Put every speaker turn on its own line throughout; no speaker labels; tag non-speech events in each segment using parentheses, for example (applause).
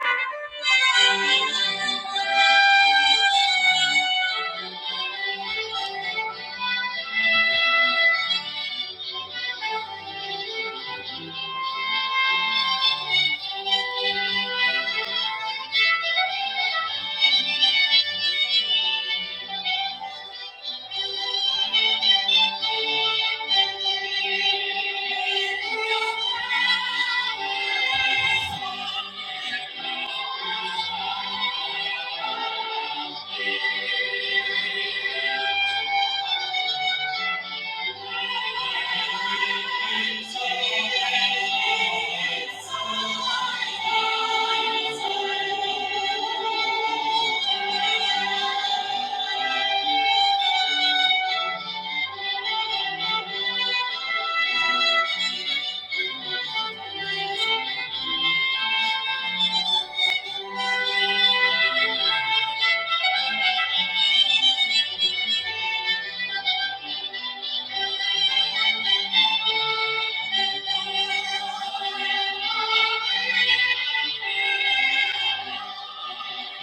Thank you. Thank you.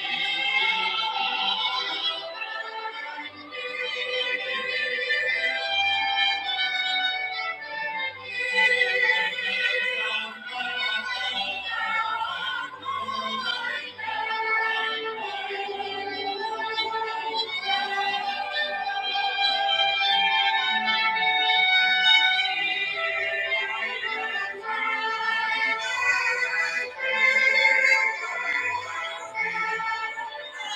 Thank you. Thank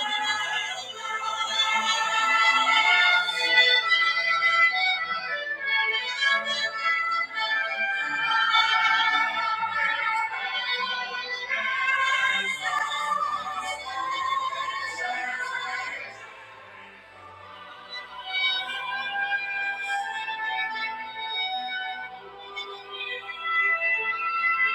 you.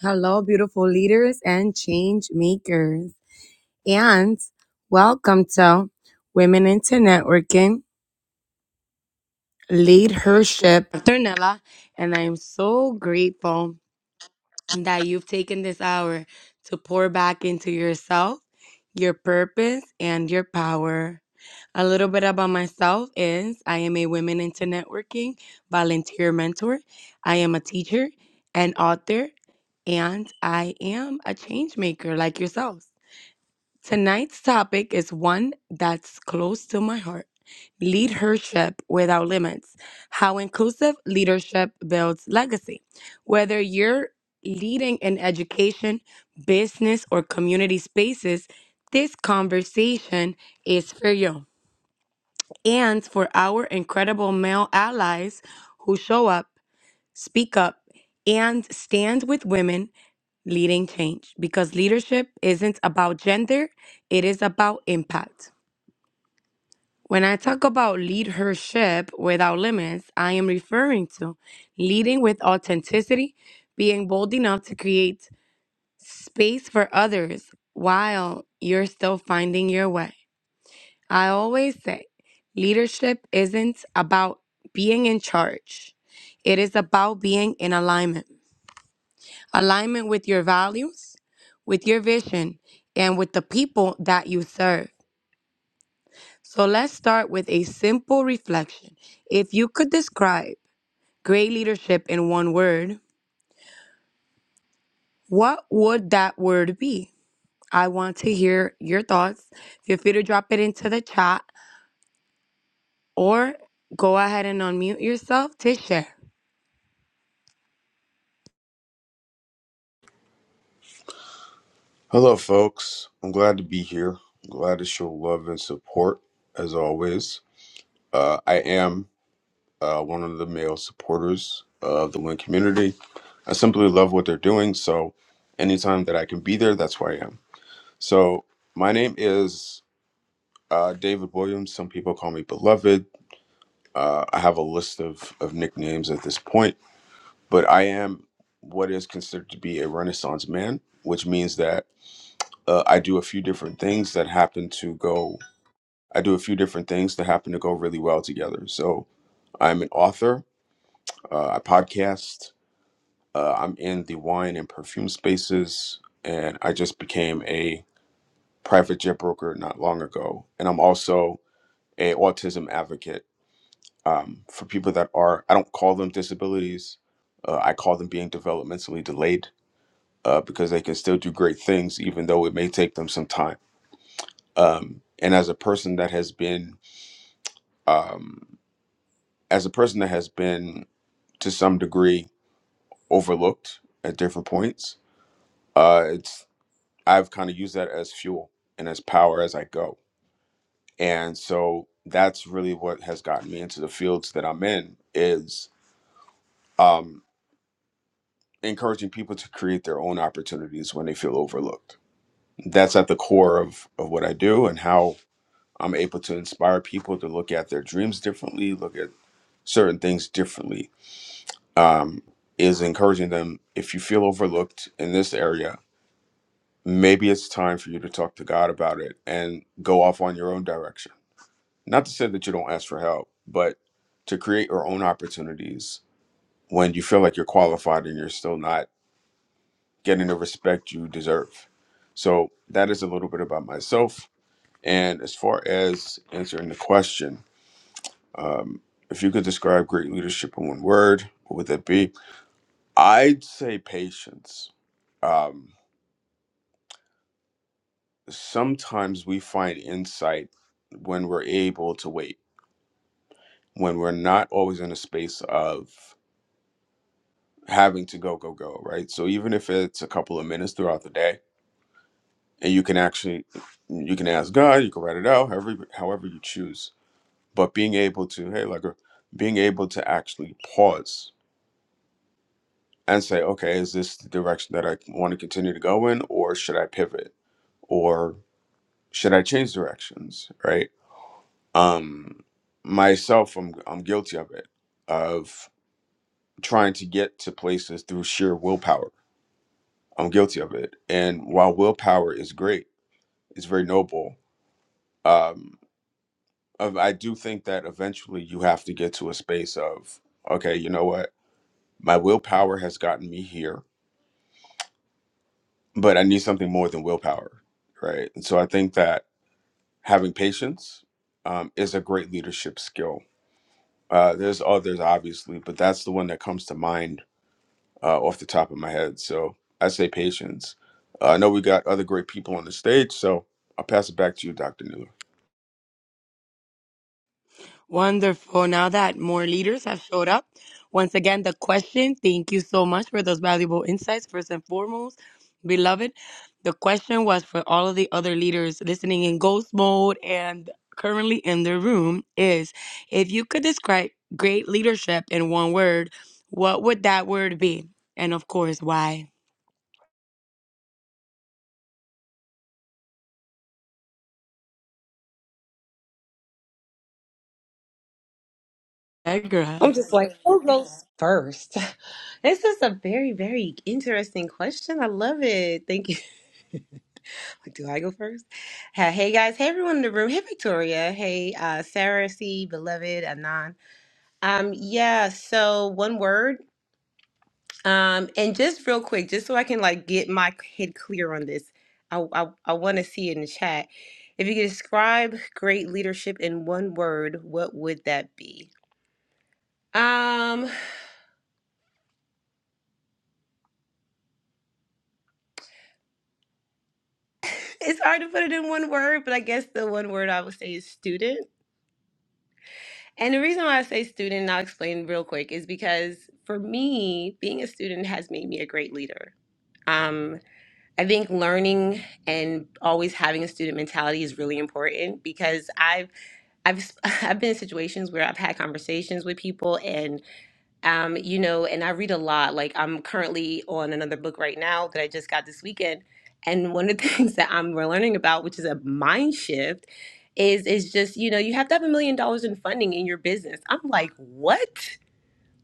Hello, beautiful leaders and change makers, and welcome to Women into Networking Leadership. Dr. Nella, and I am so grateful. that you've taken this hour to pour back into yourself, your purpose, and your power. A little bit about myself is I am a women into networking volunteer mentor. I am a teacher and author, and I am a change maker like yourselves. Tonight's topic is one that's close to my heart leadership without limits. How inclusive leadership builds legacy. Whether you're leading in education, business, or community spaces, this conversation is for you and for our incredible male allies who show up speak up, and stand with women leading change because leadership isn't about gender, it is about impact. When I talk about leadership without limits, I am referring to leading with authenticity, being bold enough to create space for others while you're still finding your way. I always say leadership isn't about being in charge, it is about being in alignment. alignment with your values, with your vision, and with the people that you serve. So let's start with a simple reflection. If you could describe great leadership in one word, what would that word be? I want to hear your thoughts. Feel free to drop it into the chat or go ahead and unmute yourself to share.
Hello, folks. I'm glad to be here. I'm glad to show love and support, as always. Uh, I am uh, one of the male supporters of the Lynn community. I simply love what they're doing, so anytime that I can be there, that's where I am. So, my name is uh, David Williams. Some people call me Beloved. Uh, I have a list of, of nicknames at this point, but I am what is considered to be a Renaissance man, which means that uh, I do a few different things that happen to go I do a few different things that happen to go really well together. So I'm an author. Uh, I podcast. Uh, I'm in the wine and perfume spaces, and I just became a private jet broker not long ago. And I'm also a autism advocate um, for people that are. I don't call them disabilities. Uh, I call them being developmentally delayed uh, because they can still do great things, even though it may take them some time. Um, and as a person that has been um, as a person that has been to some degree overlooked at different points. Uh, it's I've kind of used that as fuel and as power as I go, and so that's really what has gotten me into the fields that I'm in is um, encouraging people to create their own opportunities when they feel overlooked. That's at the core of of what I do and how I'm able to inspire people to look at their dreams differently, look at certain things differently. Um, is encouraging them if you feel overlooked in this area maybe it's time for you to talk to God about it and go off on your own direction. Not to say that you don't ask for help, but to create your own opportunities when you feel like you're qualified and you're still not getting the respect you deserve. So, that is a little bit about myself. And as far as answering the question, um, if you could describe great leadership in one word, what would that be? I'd say patience. Um, sometimes we find insight when we're able to wait when we're not always in a space of having to go go go right so even if it's a couple of minutes throughout the day and you can actually you can ask god you can write it out however however you choose but being able to hey like uh, being able to actually pause and say okay is this the direction that i want to continue to go in or should i pivot or should i change directions right um myself i'm i'm guilty of it of trying to get to places through sheer willpower I'm guilty of it. And while willpower is great, it's very noble. Um, of- I do think that eventually you have to get to a space of, okay, you know what? My willpower has gotten me here, but I need something more than willpower, right? And so I think that having patience um, is a great leadership skill. Uh, there's others, obviously, but that's the one that comes to mind uh, off the top of my head. So I say patience. Uh, I know we got other great people on the stage, so I'll pass it back to you, Dr. Newell.
Wonderful. Now that more leaders have showed up, once again, the question thank you so much for those valuable insights, first and foremost, beloved. The question was for all of the other leaders listening in ghost mode and currently in the room is if you could describe great leadership in one word, what would that word be? And of course, why? Allegra.
I'm just like, who goes first? (laughs) This is a very, very interesting question. I love it. Thank you. (laughs) Like, Do I go first? Ha- Hey guys, hey everyone in the room. Hey Victoria. Hey uh, Sarah C, beloved Anon. Um, yeah. So one word. Um, and just real quick, just so I can like get my head clear on this, I I, I want to see it in the chat. If you could describe great leadership in one word, what would that be? Um. It's hard to put it in one word, but I guess the one word I would say is student. And the reason why I say student, and I'll explain real quick, is because for me, being a student has made me a great leader. Um, I think learning and always having a student mentality is really important because I've I've (laughs) I've been in situations where I've had conversations with people um, you know, and I read a lot. Like I'm currently on another book right now that I just got this weekend, and one of the (laughs) things that I'm learning about, which is a mind shift, is is just you know you have to have a million dollars in funding in your business. I'm like, what?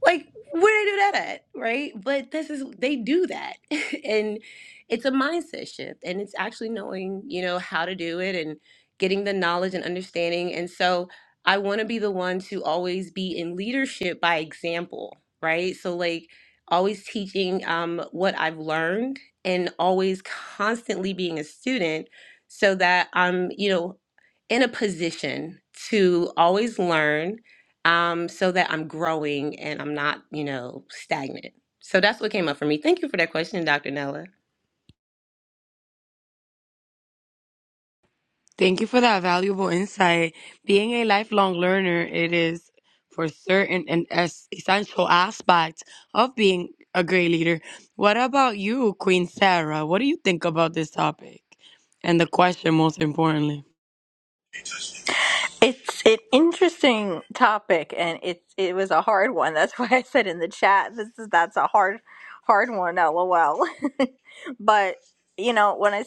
like where they do that at right but this is they do that (laughs) and it's a mindset shift and it's actually knowing you know how to do it and getting the knowledge and understanding and so i want to be the one to always be in leadership by example right so like always teaching um, what i've learned and always constantly being a student so that i'm you know in a position to always learn um, so that I'm growing and I'm not, you know, stagnant. So that's what came up for me. Thank you for that question, Dr. Nella.
Thank you for that valuable insight. Being a lifelong learner, it is for certain an es- essential aspect of being a great leader. What about you, Queen Sarah? What do you think about this topic and the question, most importantly?
It's an interesting topic, and it it was a hard one. That's (laughs) why I said in the chat, this is that's a hard, hard one. LOL. (laughs) but you know, when I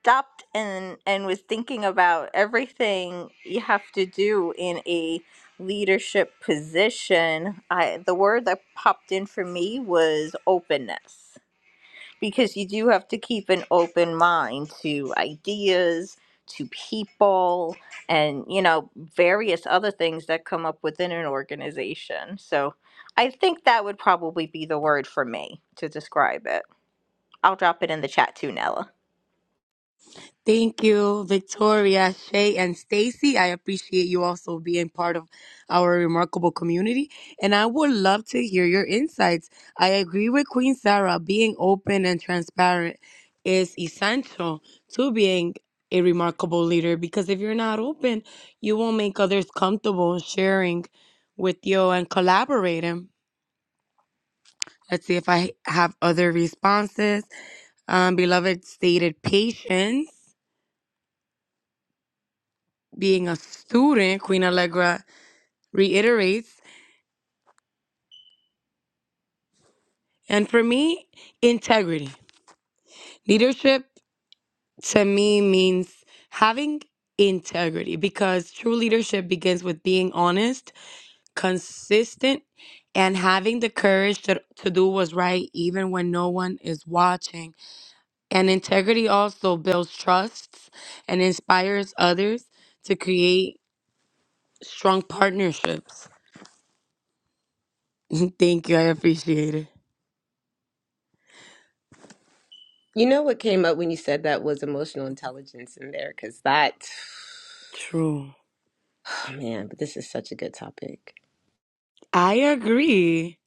stopped and and was thinking about everything you have to do in a leadership position, I the word that popped in for me was openness because you do have to keep an open mind to ideas, to people, and you know, various other things that come up within an organization. So I think that would probably be the word for me to describe it. I'll drop it in the chat too, Nella.
Thank you, Victoria, Shay, and Stacy. I appreciate you also being part of our remarkable community. And I would love to hear your insights. I agree with Queen Sarah. Being open and transparent is essential to being a remarkable leader because if you're not open, you won't make others comfortable sharing with you and collaborating. Let's see if I have other responses. Um, beloved stated patience. being a student, Queen Allegra reiterates. And for me, integrity. Leadership to me means having integrity because true leadership begins with being honest, consistent, and having the courage to, to do what's right even when no one is watching. And integrity also builds trusts and inspires others to create strong partnerships. Thank you. I appreciate it.
You know what came up when you said that was emotional intelligence in there, because that,
True.
(sighs) oh man, but this is such a good topic.
I agree.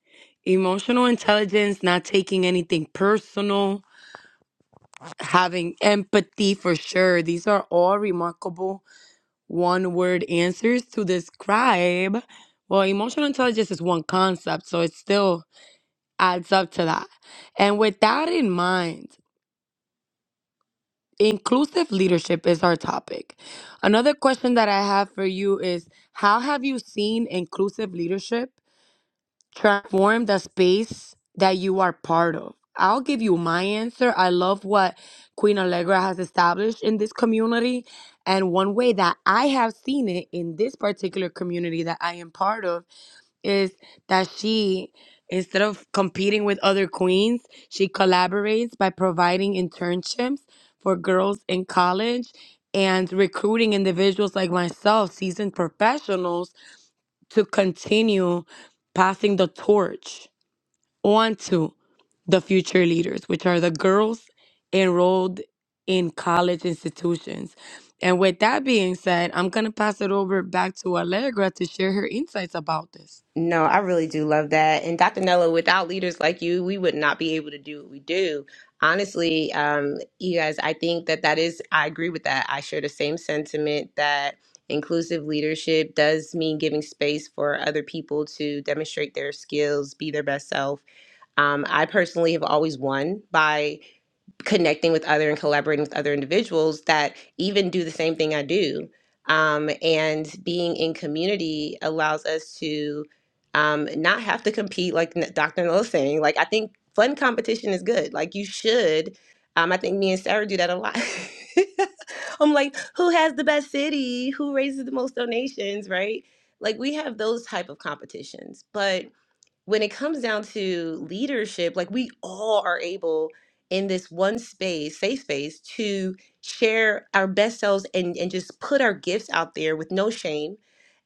Emotional intelligence, not taking anything personal, having empathy for sure. These are all remarkable one word answers to describe. Well, emotional intelligence is one concept, so it still adds up to that. And with that in mind, inclusive leadership is our topic. Another question that I have for you is How have you seen inclusive leadership? transform the space that you are part of. I'll give you my answer. I love what Queen Allegra has established in this community. And one way that I have seen it in this particular community that I am part of is that she, instead of competing with other queens, she collaborates by providing internships for girls in college and recruiting individuals like myself, seasoned professionals to continue passing the torch on to the future leaders, which are the girls enrolled in college institutions. And with that being said, I'm going to pass it over back to Allegra to share her insights about this.
No, I really do love that. And Dr. Nella, without leaders like you, we would not be able to do what we do. Honestly, um, you guys, I think that that is, I agree with that. I share the same sentiment that inclusive leadership does mean giving space for other people to demonstrate their skills, be their best self. Um, I personally have always won by connecting with other and collaborating with other individuals that even do the same thing I do. Um, and being in community allows us to um, not have to compete, like N- Dr. Noel saying. Like, I think fun competition is good. Like, you should. Um, I think me and Sarah do that a lot. (laughs) I'm like, who has the best city? Who raises the most donations? Right? Like, we have those type of competitions, but when it comes down to leadership, like we all are able in this one space, safe space, to share our best selves and and just put our gifts out there with no shame.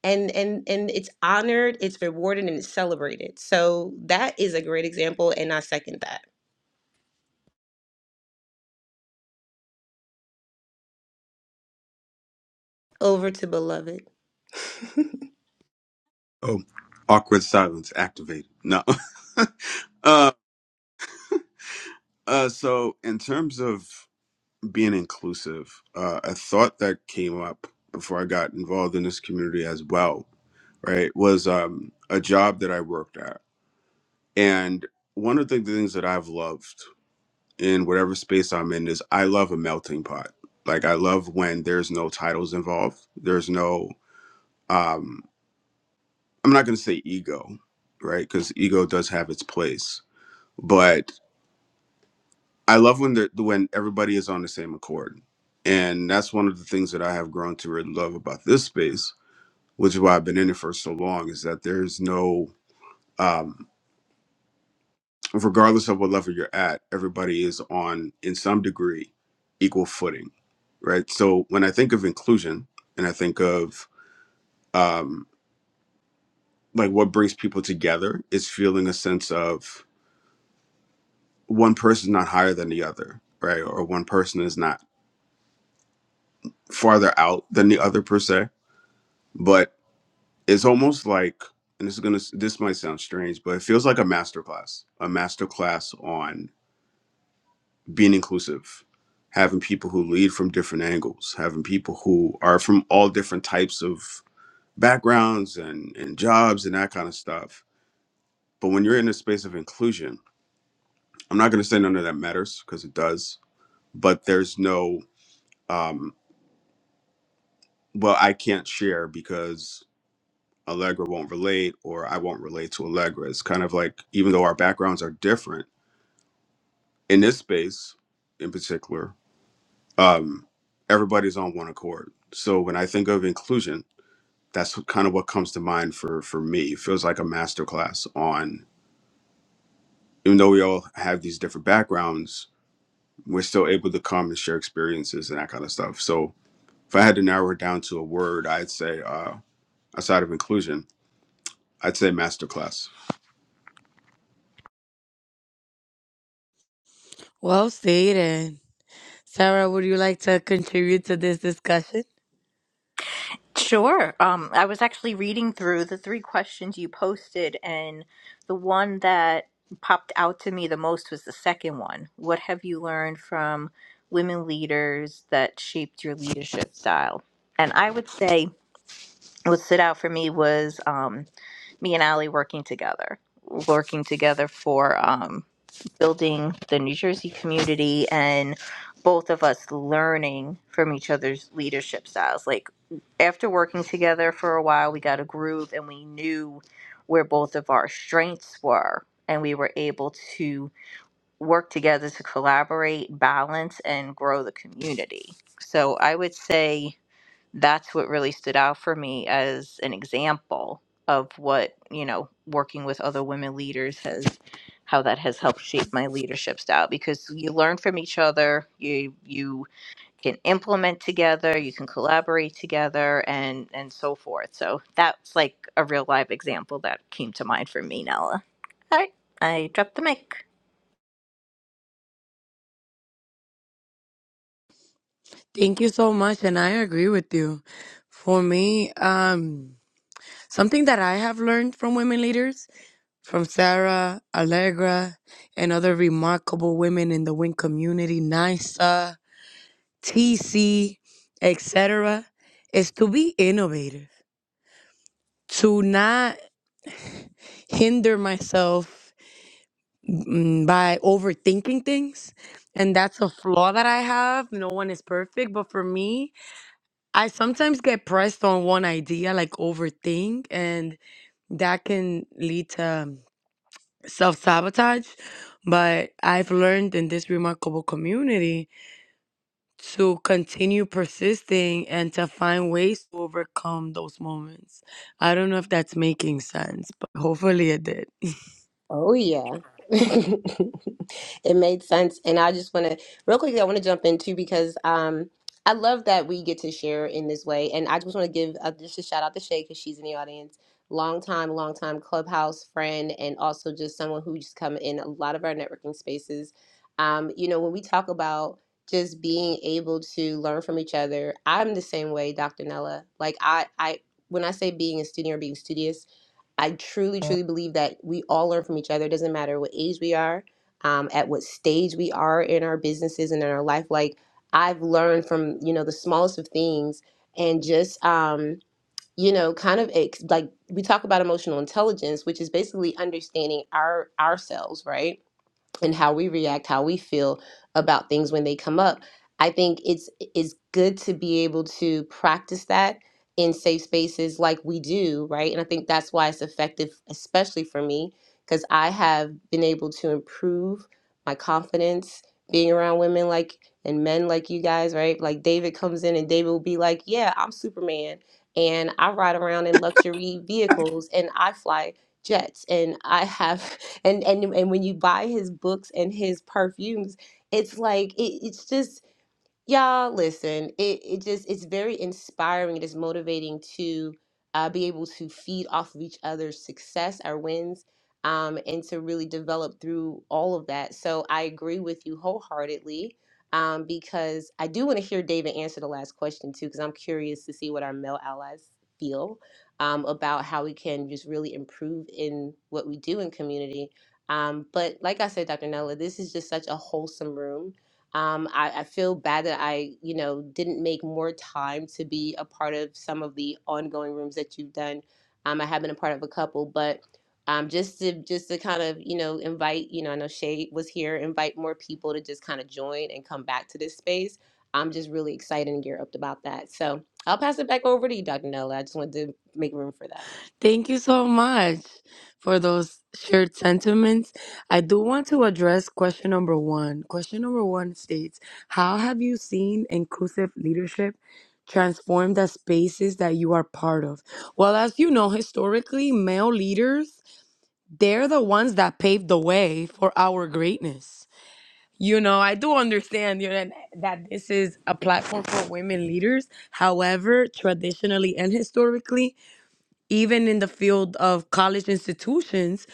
And and and it's honored, it's rewarded, and it's celebrated. So that is a great example, and I second that. Over to beloved.
Oh, awkward silence activated. No. (laughs) uh, uh, so, in terms of being inclusive, uh, a thought that came up before I got involved in this community as well, right, was um, a job that I worked at. And one of the things that I've loved in whatever space I'm in is I love a melting pot. Like, I love when there's no titles involved, there's no, um, I'm not going to say ego, right, because ego does have its place. But I love when the when everybody is on the same accord, and that's one of the things that I have grown to really love about this space, which is why I've been in it for so long. Is that there's no, um, regardless of what level you're at, everybody is on in some degree equal footing, right? So when I think of inclusion, and I think of um, like what brings people together, is feeling a sense of one person's not higher than the other, right? Or one person is not farther out than the other per se but it's almost like and this is gonna this might sound strange but it feels like a masterclass. a masterclass on being inclusive having people who lead from different angles having people who are from all different types of backgrounds and and jobs and that kind of stuff but when you're in a space of inclusion i'm not gonna say none of that matters because it does but there's no um well i can't share because Allegra won't relate or I won't relate to Allegra. It's kind of like even though our backgrounds are different in this space in particular um, everybody's on one accord so when i think of inclusion that's what, kind of what comes to mind for for me it feels like a master class on even though we all have these different backgrounds we're still able to come and share experiences and that kind of stuff so if i had to narrow it down to a word i'd say uh, outside of inclusion i'd say masterclass.
Well stated. Sarah, would you like to contribute to this discussion?
Sure. Um, I was actually reading through the three questions you posted, and the one that popped out to me the most was the second one. What have you learned from women leaders that shaped your leadership style? And I would say what stood out for me was um, me and Allie working together, working together for um, building the New Jersey community and both of us learning from each other's leadership styles. Like after working together for a while, we got a groove and we knew where both of our strengths were. And we were able to work together to collaborate, balance, and grow the community. So I would say that's what really stood out for me as an example of what you know working with other women leaders has how that has helped shape my leadership style because you learn from each other you you can implement together you can collaborate together and and so forth so that's like a real live example that came to mind for me nella all right i dropped the mic
Thank you so much, and I agree with you. For me, um, something that I have learned from women leaders from Sarah, Allegra, and other remarkable women in the WIN community, NISA, TC, etc., is to be innovative, to not hinder myself mm, by overthinking things. And that's a flaw that I have. No one is perfect. But for me, I sometimes get pressed on one idea, like overthink, and that can lead to self sabotage, but I've learned in this remarkable community to continue persisting and to find ways to overcome those moments. I don't know if that's making sense, but hopefully it did.
Oh yeah. (laughs) It made sense. And I just want to real quickly I want to jump in too because um I love that we get to share in this way. And I just want to give uh, just a shout out to Shay because she's in the audience. Long time, long time clubhouse friend and also just someone who just come in a lot of our networking spaces. Um, you know, when we talk about just being able to learn from each other, I'm the same way, Dr. Nella. Like I I when I say being a student or being studious, I truly, truly believe that we all learn from each other. It doesn't matter what age we are, um, at what stage we are in our businesses and in our life. Like I've learned from you know the smallest of things, and just um, you know, kind of ex- like we talk about emotional intelligence, which is basically understanding our ourselves, right? and how we react, how we feel about things when they come up. I think it's it's good to be able to practice that in safe spaces like we do, right? And I think that's why it's effective, especially for me, because I have been able to improve my confidence being around women like and men like you guys, right? Like David comes in and David will be like, "Yeah, I'm Superman, and I ride around in luxury vehicles, and I fly jets, and I have." and and and when you buy his books and his perfumes it's like it, it's just Y'all, listen, it, it just it's very inspiring. It is motivating to uh, be able to feed off of each other's success, our wins, um, and to really develop through all of that. So I agree with you wholeheartedly um, because I do want to hear David answer the last question too, because I'm curious to see what our male allies feel um, about how we can just really improve in what we do in community. Um, but like I said, Dr. Nella, this is just such a wholesome room um, I, I feel bad that I, you know, didn't make more time to be a part of some of the ongoing rooms that you've done. Um, I have been a part of a couple, but um, just to just to kind of, you know, invite, you know, I know Shay was here, invite more people to just kind of join and come back to this space. I'm just really excited and geared up about that. So I'll pass it back over to you, Dr. Nella. I just wanted to make room for that.
Thank you so much for those shared sentiments. I do want to address question number one. Question number one states How have you seen inclusive leadership transform the spaces that you are part of? Well, as you know, historically, male leaders, they're the ones that paved the way for our greatness. You know, I do understand you know, and that this is a platform for women leaders. However, traditionally and historically, even in the field of college institutions,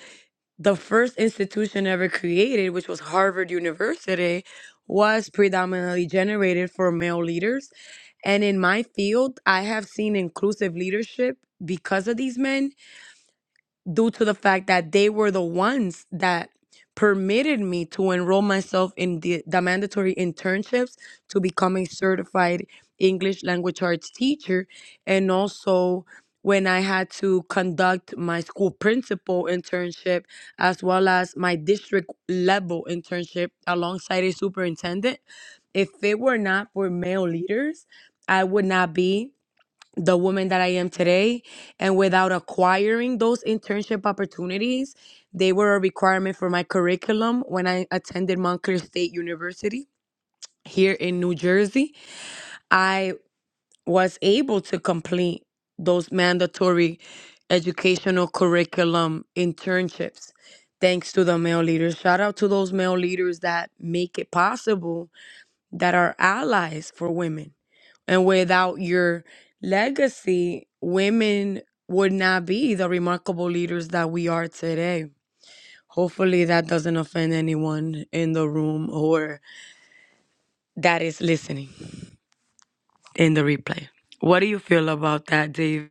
the first institution ever created, which was Harvard University, was predominantly generated for male leaders. And in my field, I have seen inclusive leadership because of these men due to the fact that they were the ones that permitted me to enroll myself in the, the mandatory internships to become a certified English language arts teacher. And also, when I had to conduct my school principal internship as well as my district level internship alongside a superintendent, if it were not for male leaders, I would not be the woman that I am today. And without acquiring those internship opportunities, they were a requirement for my curriculum when I attended Montclair State University here in New Jersey. I was able to complete those mandatory educational curriculum internships thanks to the male leaders. Shout out to those male leaders that make it possible that are allies for women. And without your legacy, women would not be the remarkable leaders that we are today. Hopefully, that doesn't offend anyone in the room or that is listening in the replay. What do you feel about that, Dave,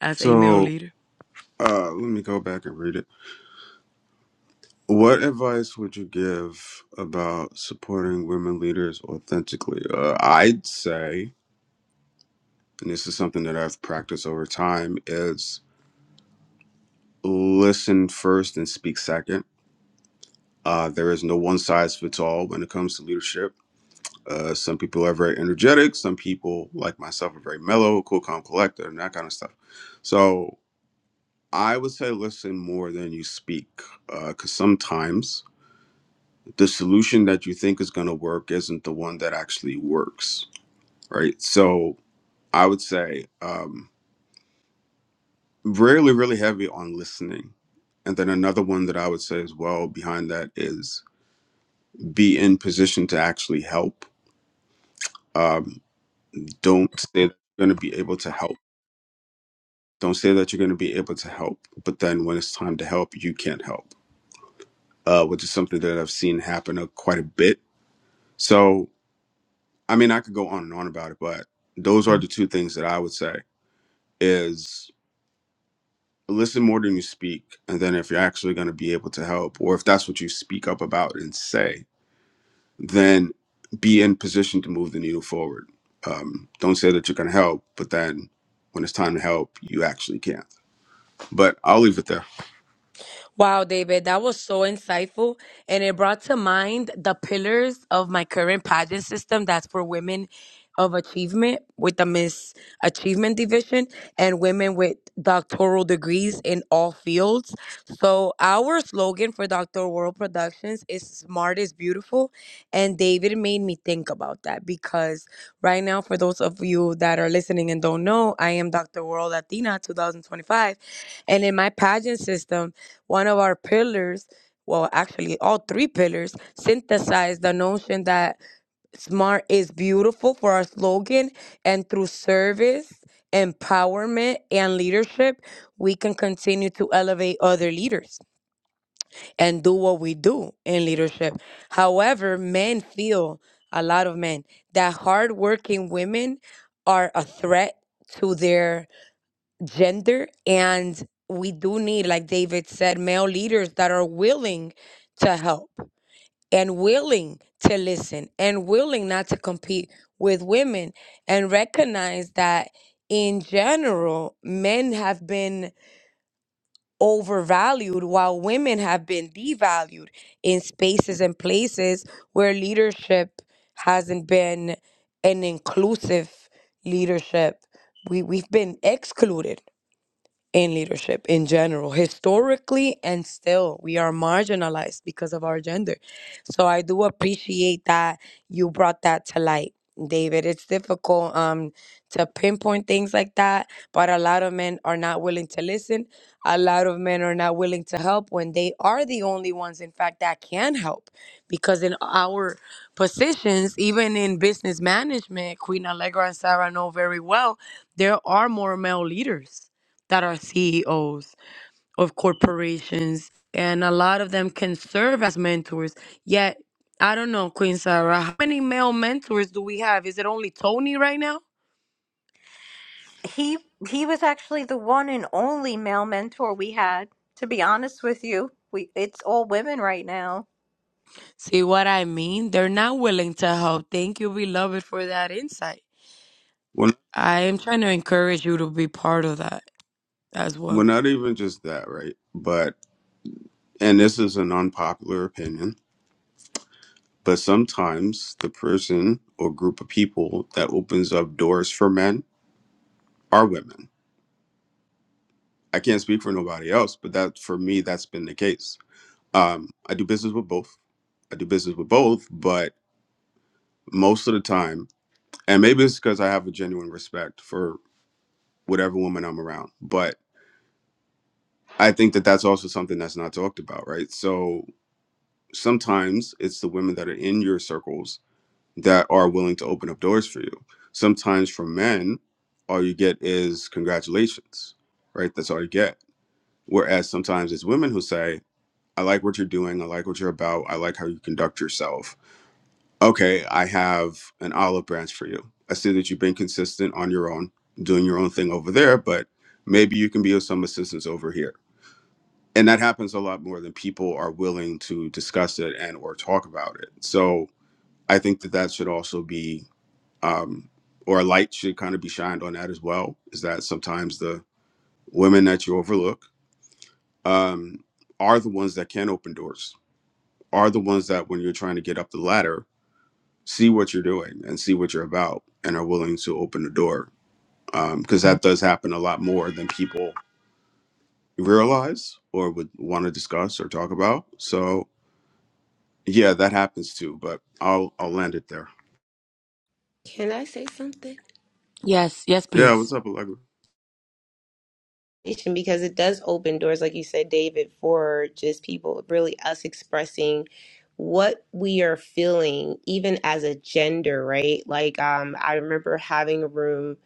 as a male
so
leader?
uh, let me go back and read it What advice would you give about supporting women leaders authentically? Uh, I'd say, and this is something that I've practiced over time, is listen first and speak second. Uh, there is no one size fits all when it comes to leadership. Uh, some people are very energetic. Some people, like myself, are very mellow, cool, calm, collected, and that kind of stuff. So I would say listen more than you speak, because sometimes the solution that you think is going to work isn't the one that actually works, right? So I would say um, really, really heavy on listening. And then another one that I would say as well behind that is be in position to actually help. Um, don't say that you're going to be able to help. Don't say that you're going to be able to help, but then when it's time to help, you can't help, uh, which is something that I've seen happen uh, quite a bit. So, I mean, I could go on and on about it, but those are the two things that I would say. is listen more than you speak and then if you're actually going to be able to help or if that's what you speak up about and say then be in position to move the needle forward um, don't say that you're going to help but then when it's time to help you actually can't but i'll leave it there
Wow, David, that was so insightful. And it brought to mind the pillars of my current pageant system that's for women of achievement with the Miss Achievement Division and women with doctoral degrees in all fields. So, our slogan for Dr. World Productions is Smart is Beautiful. And David made me think about that because right now, for those of you that are listening and don't know, I am Dr. World Latina 2025. And in my pageant system, one of our pillars, well, actually, all three pillars synthesize the notion that Smart is beautiful for our slogan, and through service, empowerment, and leadership, we can continue to elevate other leaders and do what we do in leadership. However, men feel a lot of men that hardworking women are a threat to their gender. And we do need, like David said, male leaders that are willing to help and willing to listen and willing not to compete with women and recognize that in general, men have been overvalued while women have been devalued in spaces and places where leadership hasn't been an inclusive leadership. We we've been excluded in leadership in general historically and still we are marginalized because of our gender so i do appreciate that you brought that to light david it's difficult um to pinpoint things like that but a lot of men are not willing to listen a lot of men are not willing to help when they are the only ones in fact that can help because in our positions even in business management queen allegra and sarah know very well there are more male leaders that are CEOs of corporations, and a lot of them can serve as mentors. Yet, I don't know, Queen Sarah, how many male mentors do we have? Is it only Tony right now?
he he was actually the one and only male mentor we had to be honest with you we it's all women right now
See what I mean? They're not willing to help. Thank you, beloved, for that insight.
well,
I am trying to encourage you to be part of that as
well
well.
not even just that right but and this is an unpopular opinion but sometimes the person or group of people that opens up doors for men are women I can't speak for nobody else, but that for me, that's been the case. Um, I do business with both. I do business with both, but most of the time, and maybe it's because I have a genuine respect for whatever woman I'm around, but I think that that's also something that's not talked about, right? So sometimes it's the women that are in your circles that are willing to open up doors for you. Sometimes from men, all you get is congratulations, right? That's all you get. Whereas sometimes it's women who say, I like what you're doing. I like what you're about. I like how you conduct yourself. Okay, I have an olive branch for you. I see that you've been consistent on your own, doing your own thing over there, but maybe you can be of some assistance over here. And that happens a lot more than people are willing to discuss it and or talk about it. So I think that that should also be, um, or a light should kind of be shined on that as well. Is that sometimes the women that you overlook um, are the ones that can open doors are the ones that when you're trying to get up the ladder see what you're doing and see what you're about and are willing to open the door because that does happen a lot more than people realize or would want to discuss or talk about so yeah that happens too but i'll i'll land it there
Can I say something?
Yes, yes,
yeah
please.
what's up Allegra?
because it does open doors, like you said, David, for just people, really us expressing what we are feeling, even as a gender, right? Like, um, I remember having a room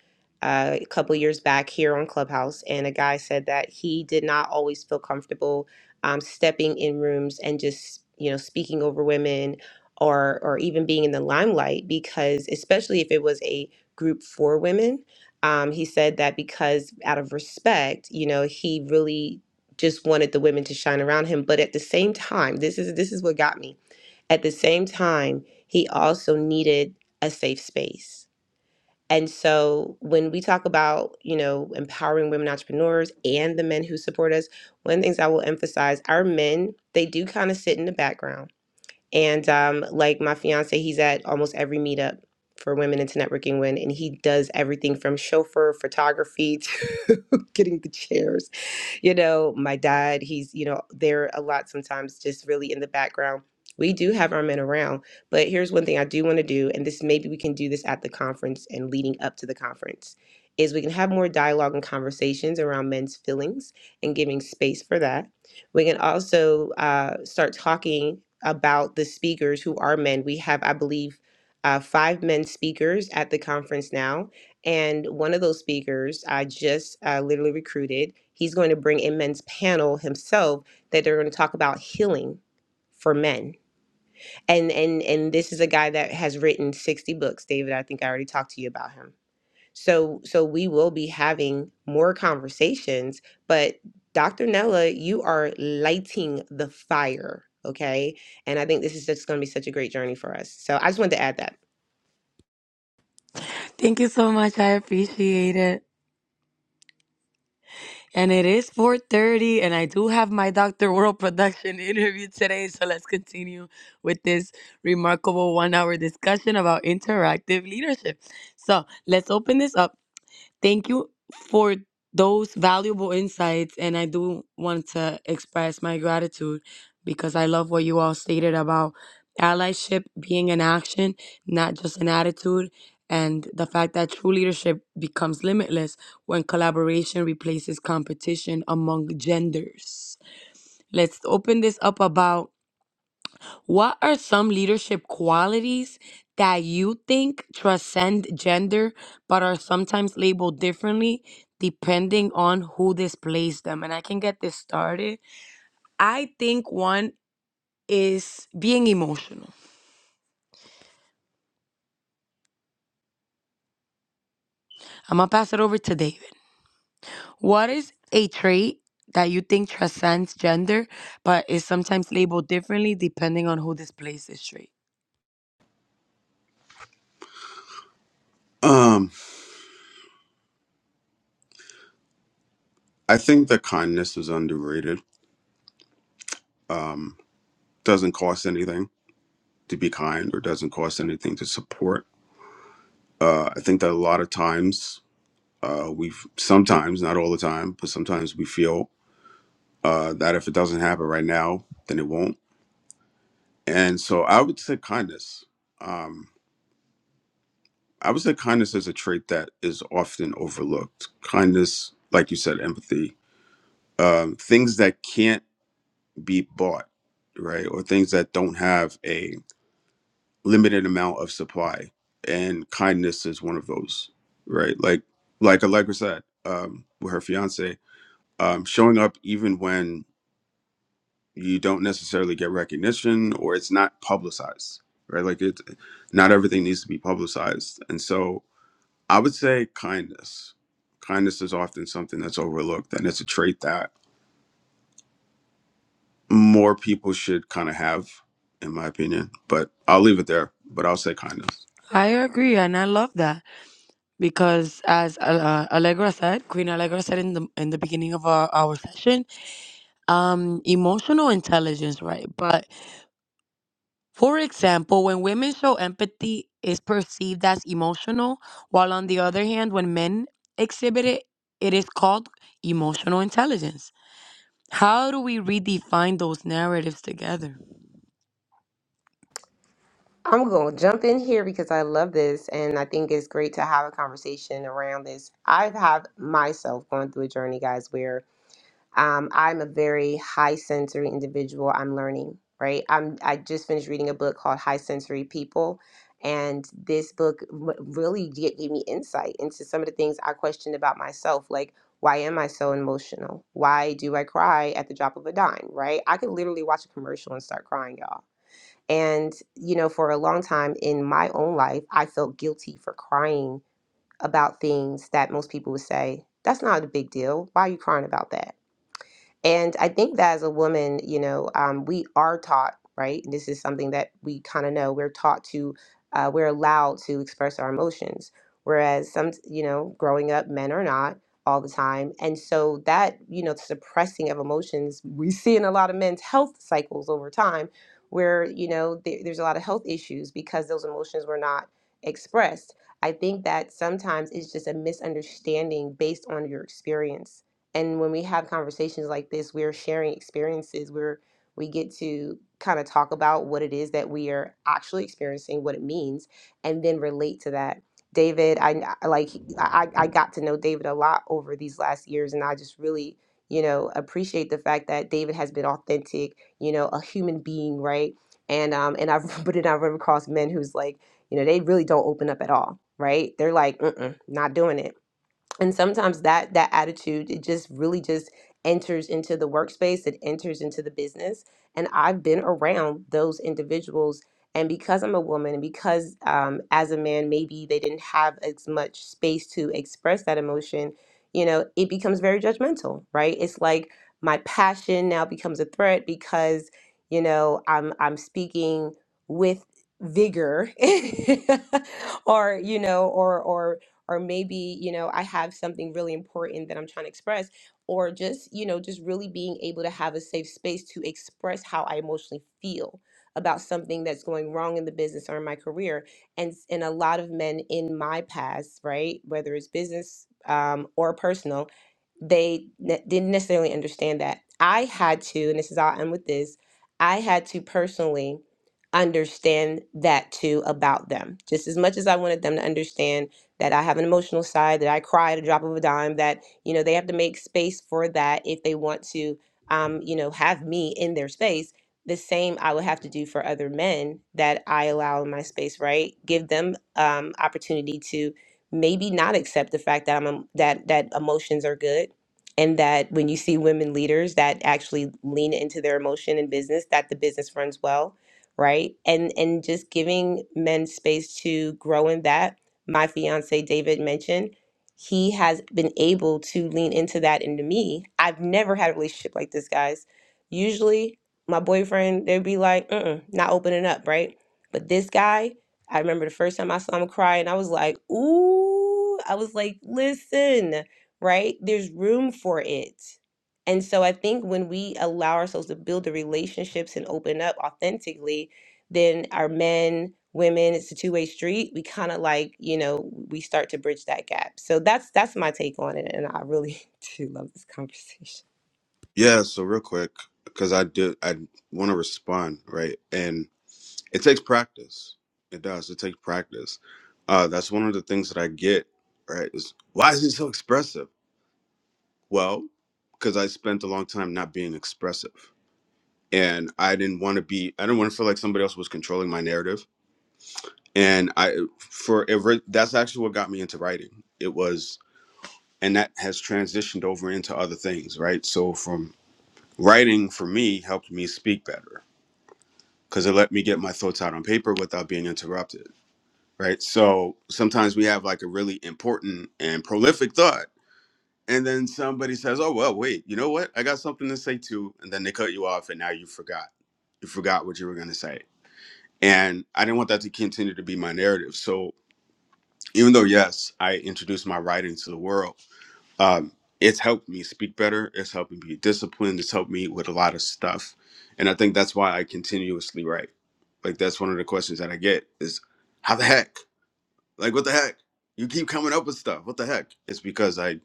uh, a couple years back here on Clubhouse, and a guy said that he did not always feel comfortable um, stepping in rooms and just, you know, speaking over women or or even being in the limelight because especially if it was a group for women um, he said that because out of respect, you know, he really just wanted the women to shine around him. But at the same time, this is this is what got me. At the same time, he also needed a safe space. And so when we talk about, you know, empowering women entrepreneurs and the men who support us, one of the things I will emphasize, our men, they do kind of sit in the background and um, like my fiance, he's at almost every meetup for Women into Networking Win, and he does everything from chauffeur photography to (laughs) getting the chairs you know, my dad, he's, you know, there a lot sometimes, just really in the background. We do have our men around, but here's one thing I do want to do, and this maybe we can do this at the conference and leading up to the conference, is we can have more dialogue and conversations around men's feelings and giving space for that. We can also uh, start talking about the speakers who are men. We have, I believe, uh, five men speakers at the conference now and one of those speakers I just uh, literally recruited, he's going to bring a men's panel himself that they're going to talk about healing for men. And and and this is a guy that has written 60 books, David. I think I already talked to you about him. So so we will be having more conversations, but Dr. Nella, you are lighting the fire, okay? And I think this is just going to be such a great journey for us. So I just wanted to add that.
Thank you so much. I appreciate it. And it is 4:30 and I do have my Dr. World production (laughs) interview today, so let's continue with this remarkable 1-hour discussion about interactive leadership. So, let's open this up Thank you for those valuable insights. And I do want to express my gratitude because I love what you all stated about allyship being an action, not just an attitude, and the fact that true leadership becomes limitless when collaboration replaces competition among genders. Let's open this up about what are some leadership qualities that you think transcend gender but are sometimes labeled differently depending on who displays them? And I can get this started. I think one is being emotional. I'm going to pass it over to David. What is a trait that you think transcends gender but is sometimes labeled differently depending on who displays this trait?
um i think that kindness is underrated doesn't cost anything to be kind or doesn't cost anything to support uh i think that a lot of times uh we sometimes not all the time but sometimes we feel uh, that if it doesn't happen right now, then it won't. And so I would say kindness. Um, I would say kindness is a trait that is often overlooked. Kindness, like you said, empathy, um, things that can't be bought, right? Or things that don't have a limited amount of supply. And kindness is one of those, right? Like, like Allegra said, um, with her fiance, um, showing up even when you don't necessarily get recognition or it's not publicized right like it not everything needs to be publicized and so i would say kindness kindness is often something that's overlooked and it's a trait that more people should kind of have in my opinion but i'll leave it there but i'll say kindness
I agree, and I love that. because as Al- uh, Allegra said, Queen Allegra said in the in the beginning of our, our session, um, emotional intelligence, right? But for example, when women show empathy, is perceived as emotional, while on the other hand, when men exhibit it, it is called emotional intelligence. How do we redefine those narratives together?
I'm going to jump in here because I love this and I think it's great to have a conversation around this. I've had myself going through a journey, guys, where um, I'm a very high sensory individual. I'm learning, right? I'm I just finished reading a book called High Sensory People, and this book w- really g- gave me insight into some of the things I questioned about myself, like. Why am I so emotional? Why do I cry at the drop of a dime, right? I could literally watch a commercial and start crying, y'all and, you know, for a long time in my own life, I felt guilty for crying about things that most people would say, that's not a big deal. Why are you crying about that? And I think that as a woman, you know, um, we are taught, right? And this is something that we kind of know. We're taught to, uh, we're allowed to express our emotions. Whereas some, you know, growing up, men are not all the time. And so that, you know, suppressing of emotions, we see in a lot of men's health cycles over time where, you know, there there's a lot of health issues because those emotions were not expressed. I think that sometimes it's just a misunderstanding based on your experience and when we have conversations like this we're sharing experiences where we get to kind of talk about what it is that we are actually experiencing what it means and then relate to that david i I- like i i got to know david a lot over these last years and i just really you know appreciate the fact that david has been authentic you know a human being right and um and i've (laughs) but then i've run across men who's like you know they really don't open up at all right they're like Mm-mm, not doing it and sometimes that that attitude it just really just enters into the workspace it enters into the business and i've been around those individuals and because i'm a woman and because um, as a man maybe they didn't have as much space to express that emotion you know it becomes very judgmental right it's like my passion now becomes a threat because you know i'm i'm speaking with vigor (laughs) or you know or or or maybe you know i have something really important that i'm trying to express or just you know just really being able to have a safe space to express how i emotionally feel about something that's going wrong in the business or in my career and and a lot of men in my past right whether it's business um, or personal they ne- didn't necessarily understand that. I had to, and this is how i end with this, I had to personally understand that too about them. Just as much as I wanted them to understand that I have an emotional side, that I cry at a drop of a dime, that, you know, they have to make space for that if they want to, um, you know, have me in their space. The same I would have to do for other men that I allow in my space, right? Give them um, opportunity to maybe not accept the fact that I'm em- that that emotions are good and that when you see women leaders that actually lean into their emotion in business that the business runs well right and and just giving men space to grow in that my fiance david mentioned he has been able to lean into that into me i've never had a relationship like this guys usually my boyfriend they'd be like mm not opening up right but this guy i remember the first time i saw him cry and i was like ooh i was like listen right? There's room for it. And so I think when we allow ourselves to build the relationships and open up authentically, then our men, women, it's a two-way street. We kind of like, you know, we start to bridge that gap. So that's that's my take on it. And I really (laughs) do love this conversation.
yeah so real quick because i do i want to respond right and it takes practice it does it takes practice uh that's one of the things that i get right is why is he so expressive Well, because I spent a long time not being expressive, and I didn't want to be. I didn't want to feel like somebody else was controlling my narrative. And I, for it, re- that's actually what got me into writing. It was, and that has transitioned over into other things, right? So from writing for me helped me speak better because it let me get my thoughts out on paper without being interrupted, right? So sometimes we have like a really important and prolific thought and then somebody says, "Oh well, wait, you know what? I got something to say too," and then they cut you off, and now you forgot. You forgot what you were going to say, and I didn't want that to continue to be my narrative. So even though yes, I introduced my writing to the world, um, it's helped me speak better. It's helped me be disciplined. It's helped me with a lot of stuff, and I think that's why I continuously write. Like that's one of the questions that I get is, "How the heck? Like what the heck? You keep coming up with stuff. What the heck?" It's because I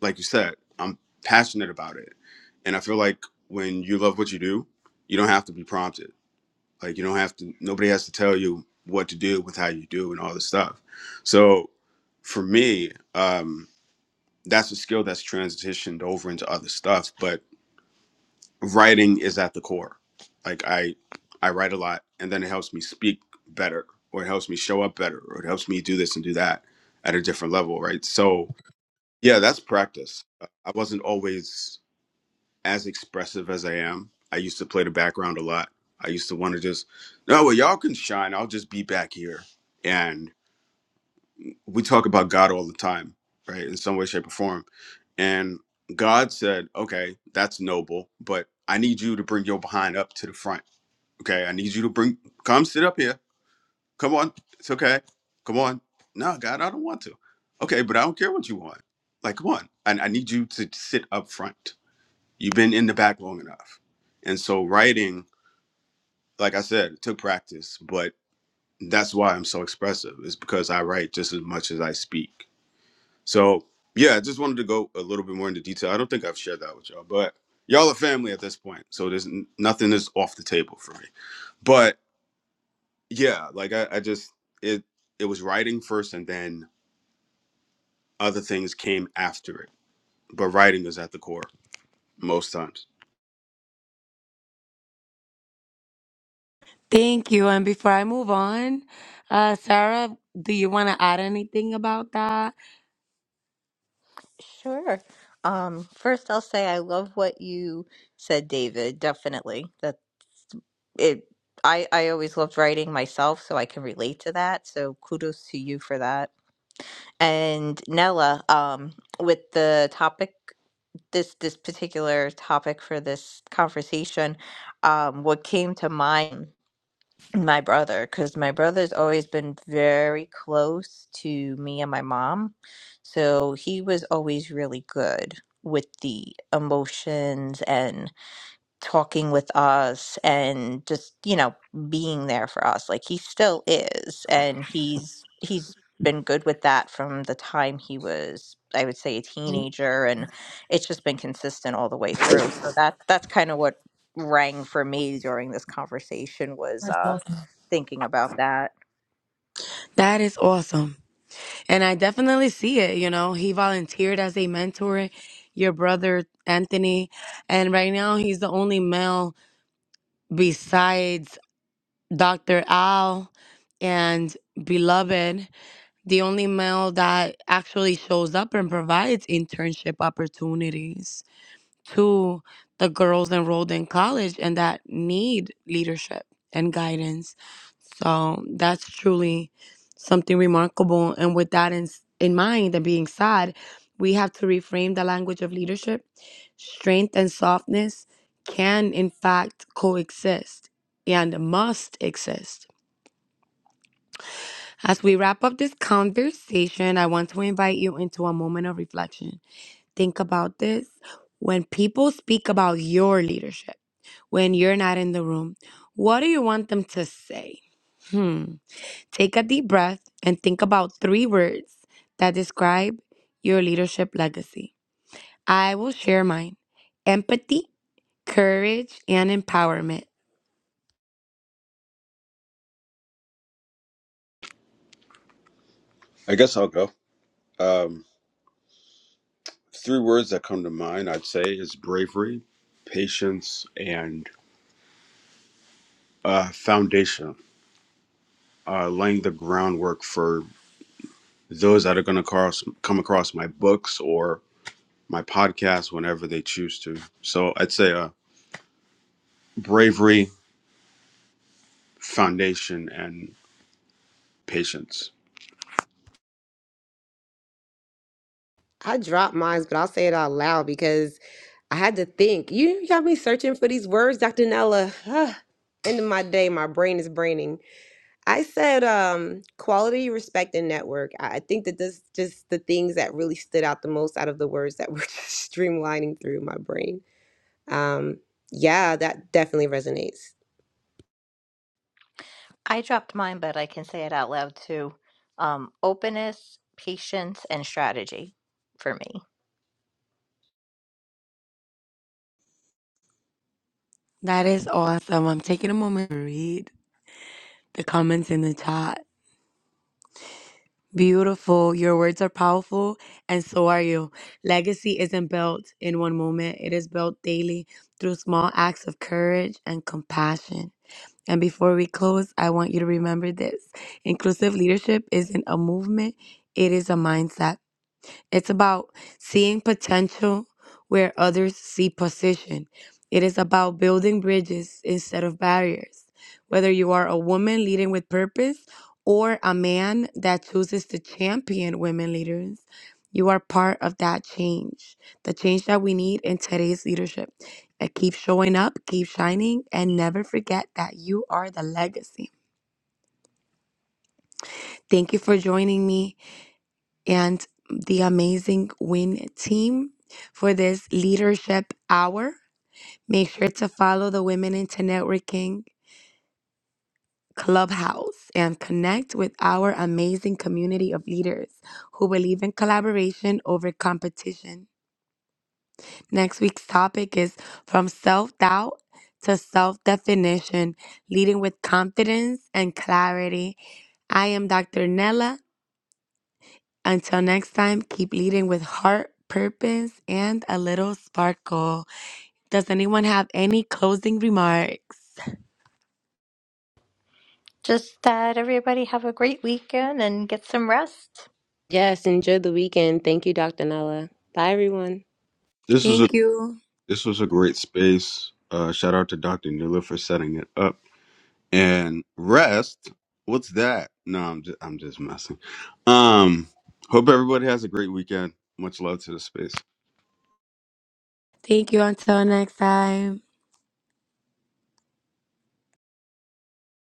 like you said, I'm passionate about it. And I feel like when you love what you do, you don't have to be prompted. Like you don't have to nobody has to tell you what to do with how you do and all this stuff. So for me, um, that's a skill that's transitioned over into other stuff, but writing is at the core. Like I I write a lot and then it helps me speak better or it helps me show up better or it helps me do this and do that at a different level, right? So yeah, that's practice. I wasn't always as expressive as I am. I used to play the background a lot. I used to want to just, no, well, y'all can shine. I'll just be back here. And we talk about God all the time, right? In some way, shape, or form. And God said, okay, that's noble, but I need you to bring your behind up to the front. Okay. I need you to bring, come sit up here. Come on. It's okay. Come on. No, God, I don't want to. Okay, but I don't care what you want. Like, come on. I, I need you to sit up front. You've been in the back long enough. And so writing, like I said, it took practice, but that's why I'm so expressive, is because I write just as much as I speak. So yeah, I just wanted to go a little bit more into detail. I don't think I've shared that with y'all, but y'all are family at this point. So there's n- nothing is off the table for me. But yeah, like I, I just it it was writing first and then other things came after it. But writing is at the core most times.
Thank you. And before I move on, uh, Sarah, do you want to add anything about that?
sure um first i'll say i love what you said david definitely that it i i always loved writing myself so i can relate to that so kudos to you for that and nella um with the topic this this particular topic for this conversation um what came to mind my brother because my brother's always been very close to me and my mom. So he was always really good with the emotions talking with us and just you know being there for us like he still is and he's he's been good with that from the time he was i would say a teenager and it's just been consistent all the way through so that that's kind of what rang for me during this conversation was uh
Awesome.
thinking about that
That is awesome. And I definitely see it. You know, he volunteered as a mentor, your brother, Anthony. And right now, he's the only male besides Dr. Al and Beloved, the only male that actually shows up and provides internship opportunities. to the girls enrolled in college and that need leadership and guidance. So that's truly something remarkable. And with that in, in mind and being sad, we have to reframe the language of leadership. Strength and softness can, in fact, coexist and must exist. As we wrap up this conversation, I want to invite you into a moment of reflection think about this. When people speak about your leadership, when you're not in the room, what do you want them to say? Hmm. Take a deep breath and think about three words that describe your leadership legacy. I will share mine empathy, courage, and empowerment.
I guess I'll go. Um three words that come to mind i'd say is bravery patience and uh, foundation uh, laying the groundwork for those that are going to cross, come across my books or my podcast whenever they choose to so i'd say uh, bravery foundation and patience
I dropped mine, but I'll say it out loud because I had to think. You got me searching for these words, Dr. Nella. (sighs) End of my day, my brain is braining. I said um, quality, respect, and network. I I think that this just the things that really stood out the most out of the words that were (laughs) just streamlining through my brain. Um, yeah, that definitely resonates.
i dropped mine but i can say it out loud too um openness patience and strategy for me
That is awesome. I'm taking a moment to read the comments in the chat. Beautiful. Your words are powerful, and so are you. Legacy isn't built in one moment, it is built daily through small acts of courage and compassion. And before we close, I want you to remember this inclusive leadership isn't a movement, it is a mindset. It's about seeing potential where others see position. It is about building bridges instead of barriers. Whether you are a woman leading with purpose or a man that chooses to champion women leaders, you are part of that change, the change that we need in today's leadership. And keep showing up, keep shining, and never forget that you are the legacy. Thank you for joining me. and the amazing WIN team for this leadership hour. Make sure to follow the Women into Networking Clubhouse and connect with our amazing community of leaders who believe in collaboration over competition. Next week's topic is From Self Doubt to Self Definition, Leading with Confidence and Clarity. I am Dr. Nella Until next time, keep leading with heart, purpose, and a little sparkle. Does anyone have any closing remarks?
Just that everybody have a great weekend and get some rest.
Yes, enjoy the weekend. Thank you, Dr. Nella. Bye, everyone.
this was a
Thank you.
this was a great space uh, shout out to dr Newler for setting it up And rest, what's that? No, I'm just I'm just messing. Um, hope everybody has a great weekend. Much love to the space.
Thank you. Until next time.